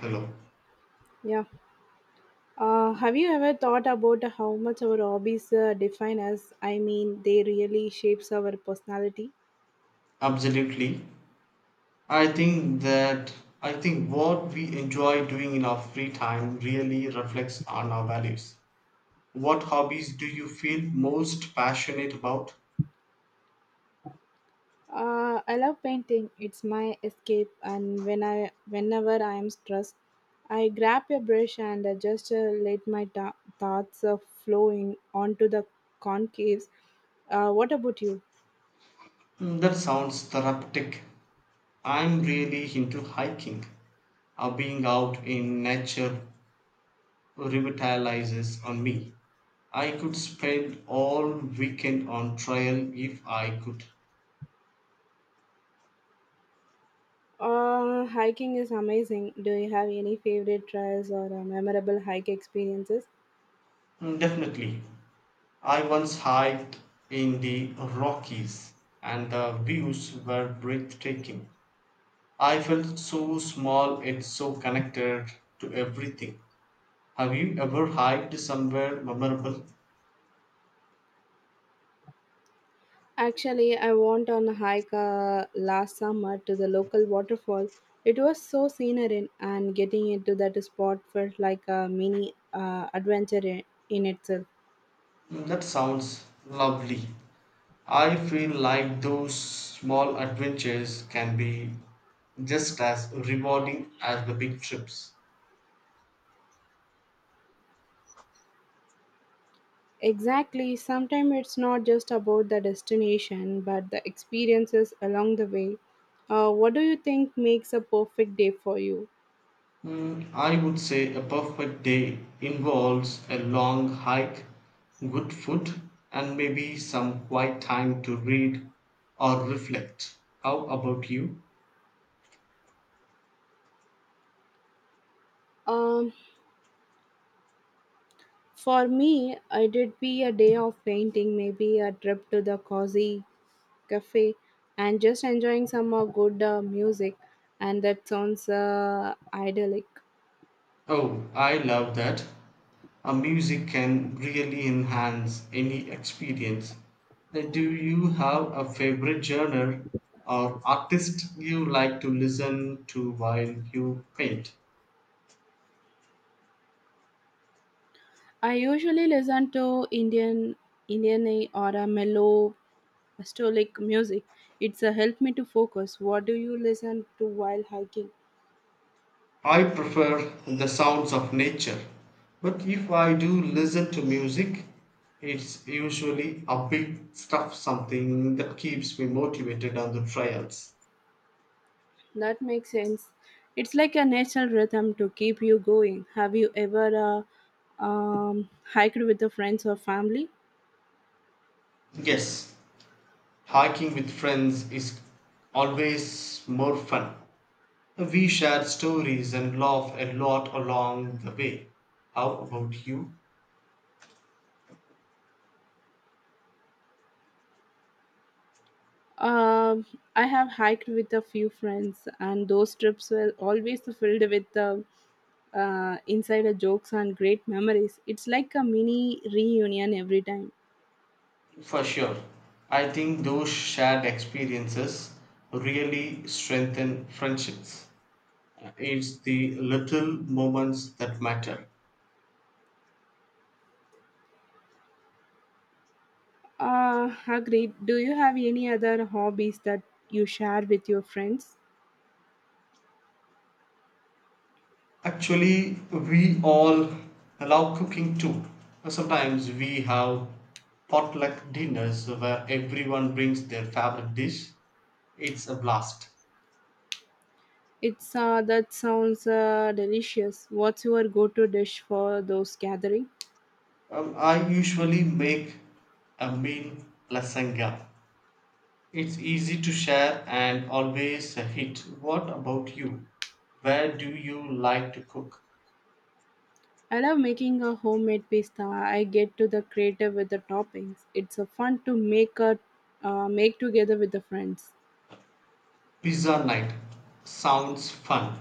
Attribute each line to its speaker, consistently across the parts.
Speaker 1: Hello.
Speaker 2: Yeah. Have you ever thought about how much our hobbies define us? I mean, they really shapes our personality.
Speaker 1: Absolutely. I think that I think what we enjoy doing in our free time really reflects on our values. What hobbies do you feel most passionate about?
Speaker 2: I love painting. It's my escape, and whenever I am stressed, I grab a brush and I just let my thoughts flowing onto the concaves. What about you?
Speaker 1: Hmm, that sounds therapeutic. I'm really into hiking. Being out in nature revitalizes on me. I could spend all weekend on trail if I could.
Speaker 2: Hiking is amazing. Do you have any favorite trails or memorable hike experiences?
Speaker 1: Mm, definitely. I once hiked in the Rockies and the views were breathtaking. I felt so small and so connected to everything. Have you ever hiked somewhere memorable?
Speaker 2: Actually, I went on a hike last summer to the local waterfall. It was so scenery, and getting into that spot felt like a mini adventure in itself.
Speaker 1: That sounds lovely. I feel like those small adventures can be just as rewarding as the big trips.
Speaker 2: Exactly, sometimes it's not just about the destination but the experiences along the way. What do you think makes a perfect day for you?
Speaker 1: I would say a perfect day involves a long hike, good food, and maybe some quiet time to read or reflect. How about you?
Speaker 2: Um, for me, it would be a day of painting, maybe a trip to the cozy cafe and just enjoying some good music, and that sounds idyllic.
Speaker 1: Oh, I love that. A music can really enhance any experience. Do you have a favorite genre or artist you like to listen to while you paint?
Speaker 2: I usually listen to indian indian or a mellow stoic music. It's a help me to focus. What do you listen to while hiking?
Speaker 1: I prefer the sounds of nature, but if I do listen to music, it's usually upbeat stuff, something that keeps me motivated on the trails.
Speaker 2: That makes sense. It's like a natural rhythm to keep you going. Have you ever um, hiked with the friends or family?
Speaker 1: Yes, hiking with friends is always more fun. We share stories and laugh a lot along the way. How about you?
Speaker 2: Um, I have hiked with a few friends, and those trips were always filled with the insider jokes and great memories. It's like a mini reunion every time.
Speaker 1: For sure. I think those shared experiences really strengthen friendships. It's the little moments that matter.
Speaker 2: Agreed. Do you have any other hobbies that you share with your friends?
Speaker 1: Actually, we all love cooking too. Sometimes we have potluck dinners where everyone brings their favorite dish. It's a blast.
Speaker 2: It's that sounds delicious. What's your go-to dish for those gathering?
Speaker 1: I usually make a meal lasagna. It's easy to share and always a hit. What about you? Where do you like to cook?
Speaker 2: I love making a homemade pasta. I get to the creative with the toppings. It's a fun to make a make together with the friends.
Speaker 1: Pizza night sounds fun.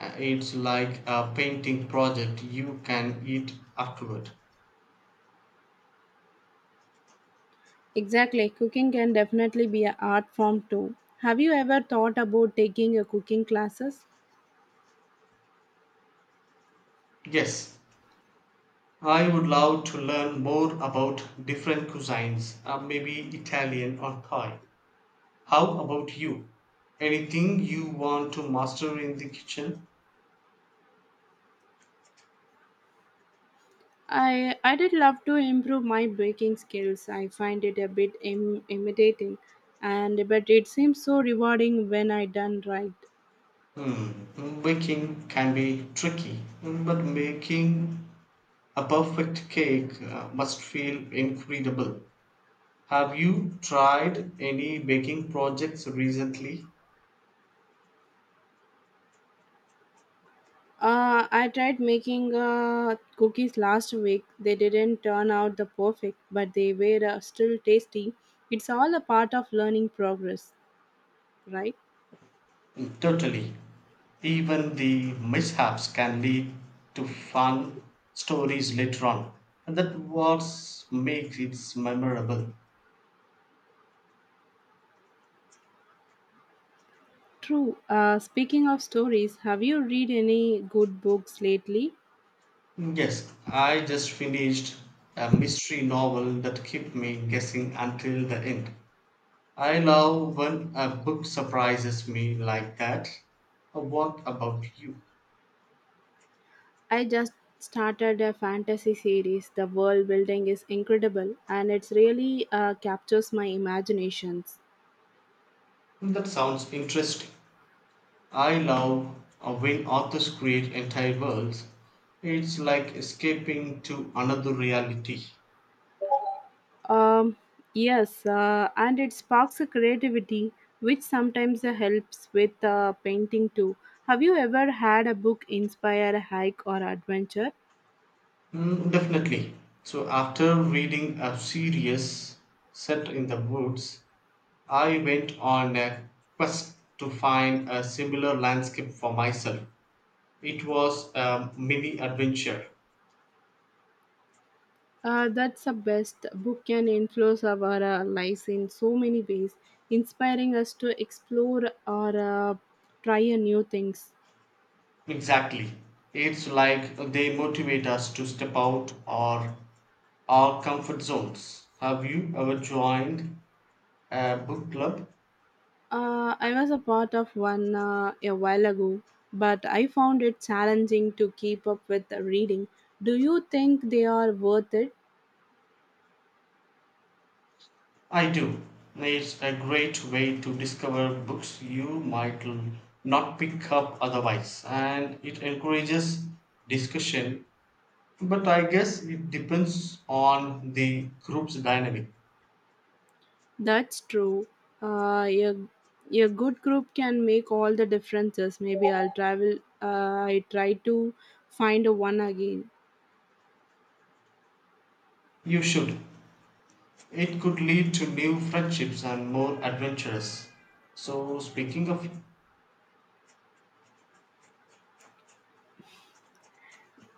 Speaker 1: It's like a painting project you can eat afterward.
Speaker 2: Exactly, cooking can definitely be an art form too. Have you ever thought about taking a cooking classes?
Speaker 1: Yes, I would love to learn more about different cuisines, maybe Italian or Thai. How about you? Anything you want to master in the kitchen?
Speaker 2: I did love to improve my baking skills. I find it a bit intimidating, and but it seems so rewarding when I done right.
Speaker 1: Hmm, baking can be tricky, but making a perfect cake must feel incredible. Have you tried any baking projects recently?
Speaker 2: I tried making cookies last week. They didn't turn out the perfect, but they were still tasty. It's all a part of learning progress, right?
Speaker 1: Totally. Even the mishaps can lead to fun stories later on. And that was makes it memorable.
Speaker 2: True. Speaking of stories, have you read any good books lately?
Speaker 1: Yes, I just finished a mystery novel that kept me guessing until the end. I love when a book surprises me like that. What about you?
Speaker 2: I just started a fantasy series. The world building is incredible, and it's really captures my imaginations.
Speaker 1: That sounds interesting. I love when authors create entire worlds. It's like escaping to another reality.
Speaker 2: Um, yes, and it sparks a creativity, which sometimes helps with painting too. Have you ever had a book inspire a hike or adventure?
Speaker 1: Mm, definitely. So after reading a series set in the woods, I went on a quest to find a similar landscape for myself. It was a mini adventure.
Speaker 2: That's the best. Book can influence our lives in so many ways, inspiring us to explore or try a new things.
Speaker 1: Exactly. It's like they motivate us to step out or our comfort zones. Have you ever joined a book club?
Speaker 2: I was a part of one a while ago, but I found it challenging to keep up with the reading. Do you think they are worth it?
Speaker 1: I do. It's a great way to discover books not pick up otherwise, and it encourages discussion. But I guess it depends on the group's dynamic.
Speaker 2: That's true. Uh, a, a good group can make all the differences. Maybe I'll travel. I try to find a one again.
Speaker 1: You should. It could lead to new friendships and more adventures. So, speaking of,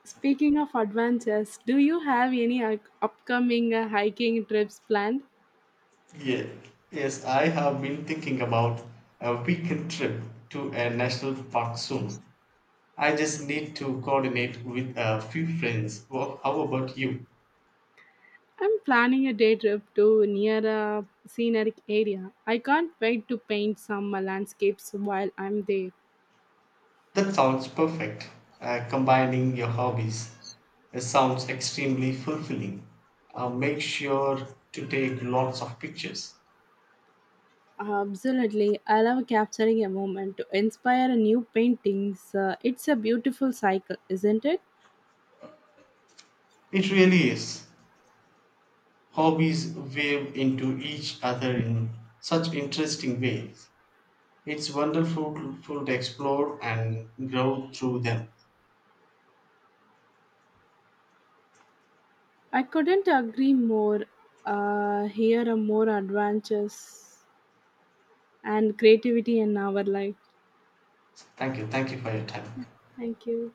Speaker 2: Speaking of adventures, do you have any upcoming hiking trips planned?
Speaker 1: yeah, yes, I have been thinking about a weekend trip to a national park soon. I just need to coordinate with a few friends. Well, how about you?
Speaker 2: I'm planning a day trip to near a scenic area. I can't wait to paint some landscapes while I'm there.
Speaker 1: That sounds perfect. Combining your hobbies. It sounds extremely fulfilling. Make sure to take lots of pictures.
Speaker 2: Absolutely. I love capturing a moment to inspire a new paintings. It's a beautiful cycle, isn't it?
Speaker 1: It really is. Hobbies weave into each other in such interesting ways. It's wonderful to explore and grow through them.
Speaker 2: I couldn't agree more. Here are more adventures and creativity in our life.
Speaker 1: Thank you. Thank you for your time.
Speaker 2: Thank you.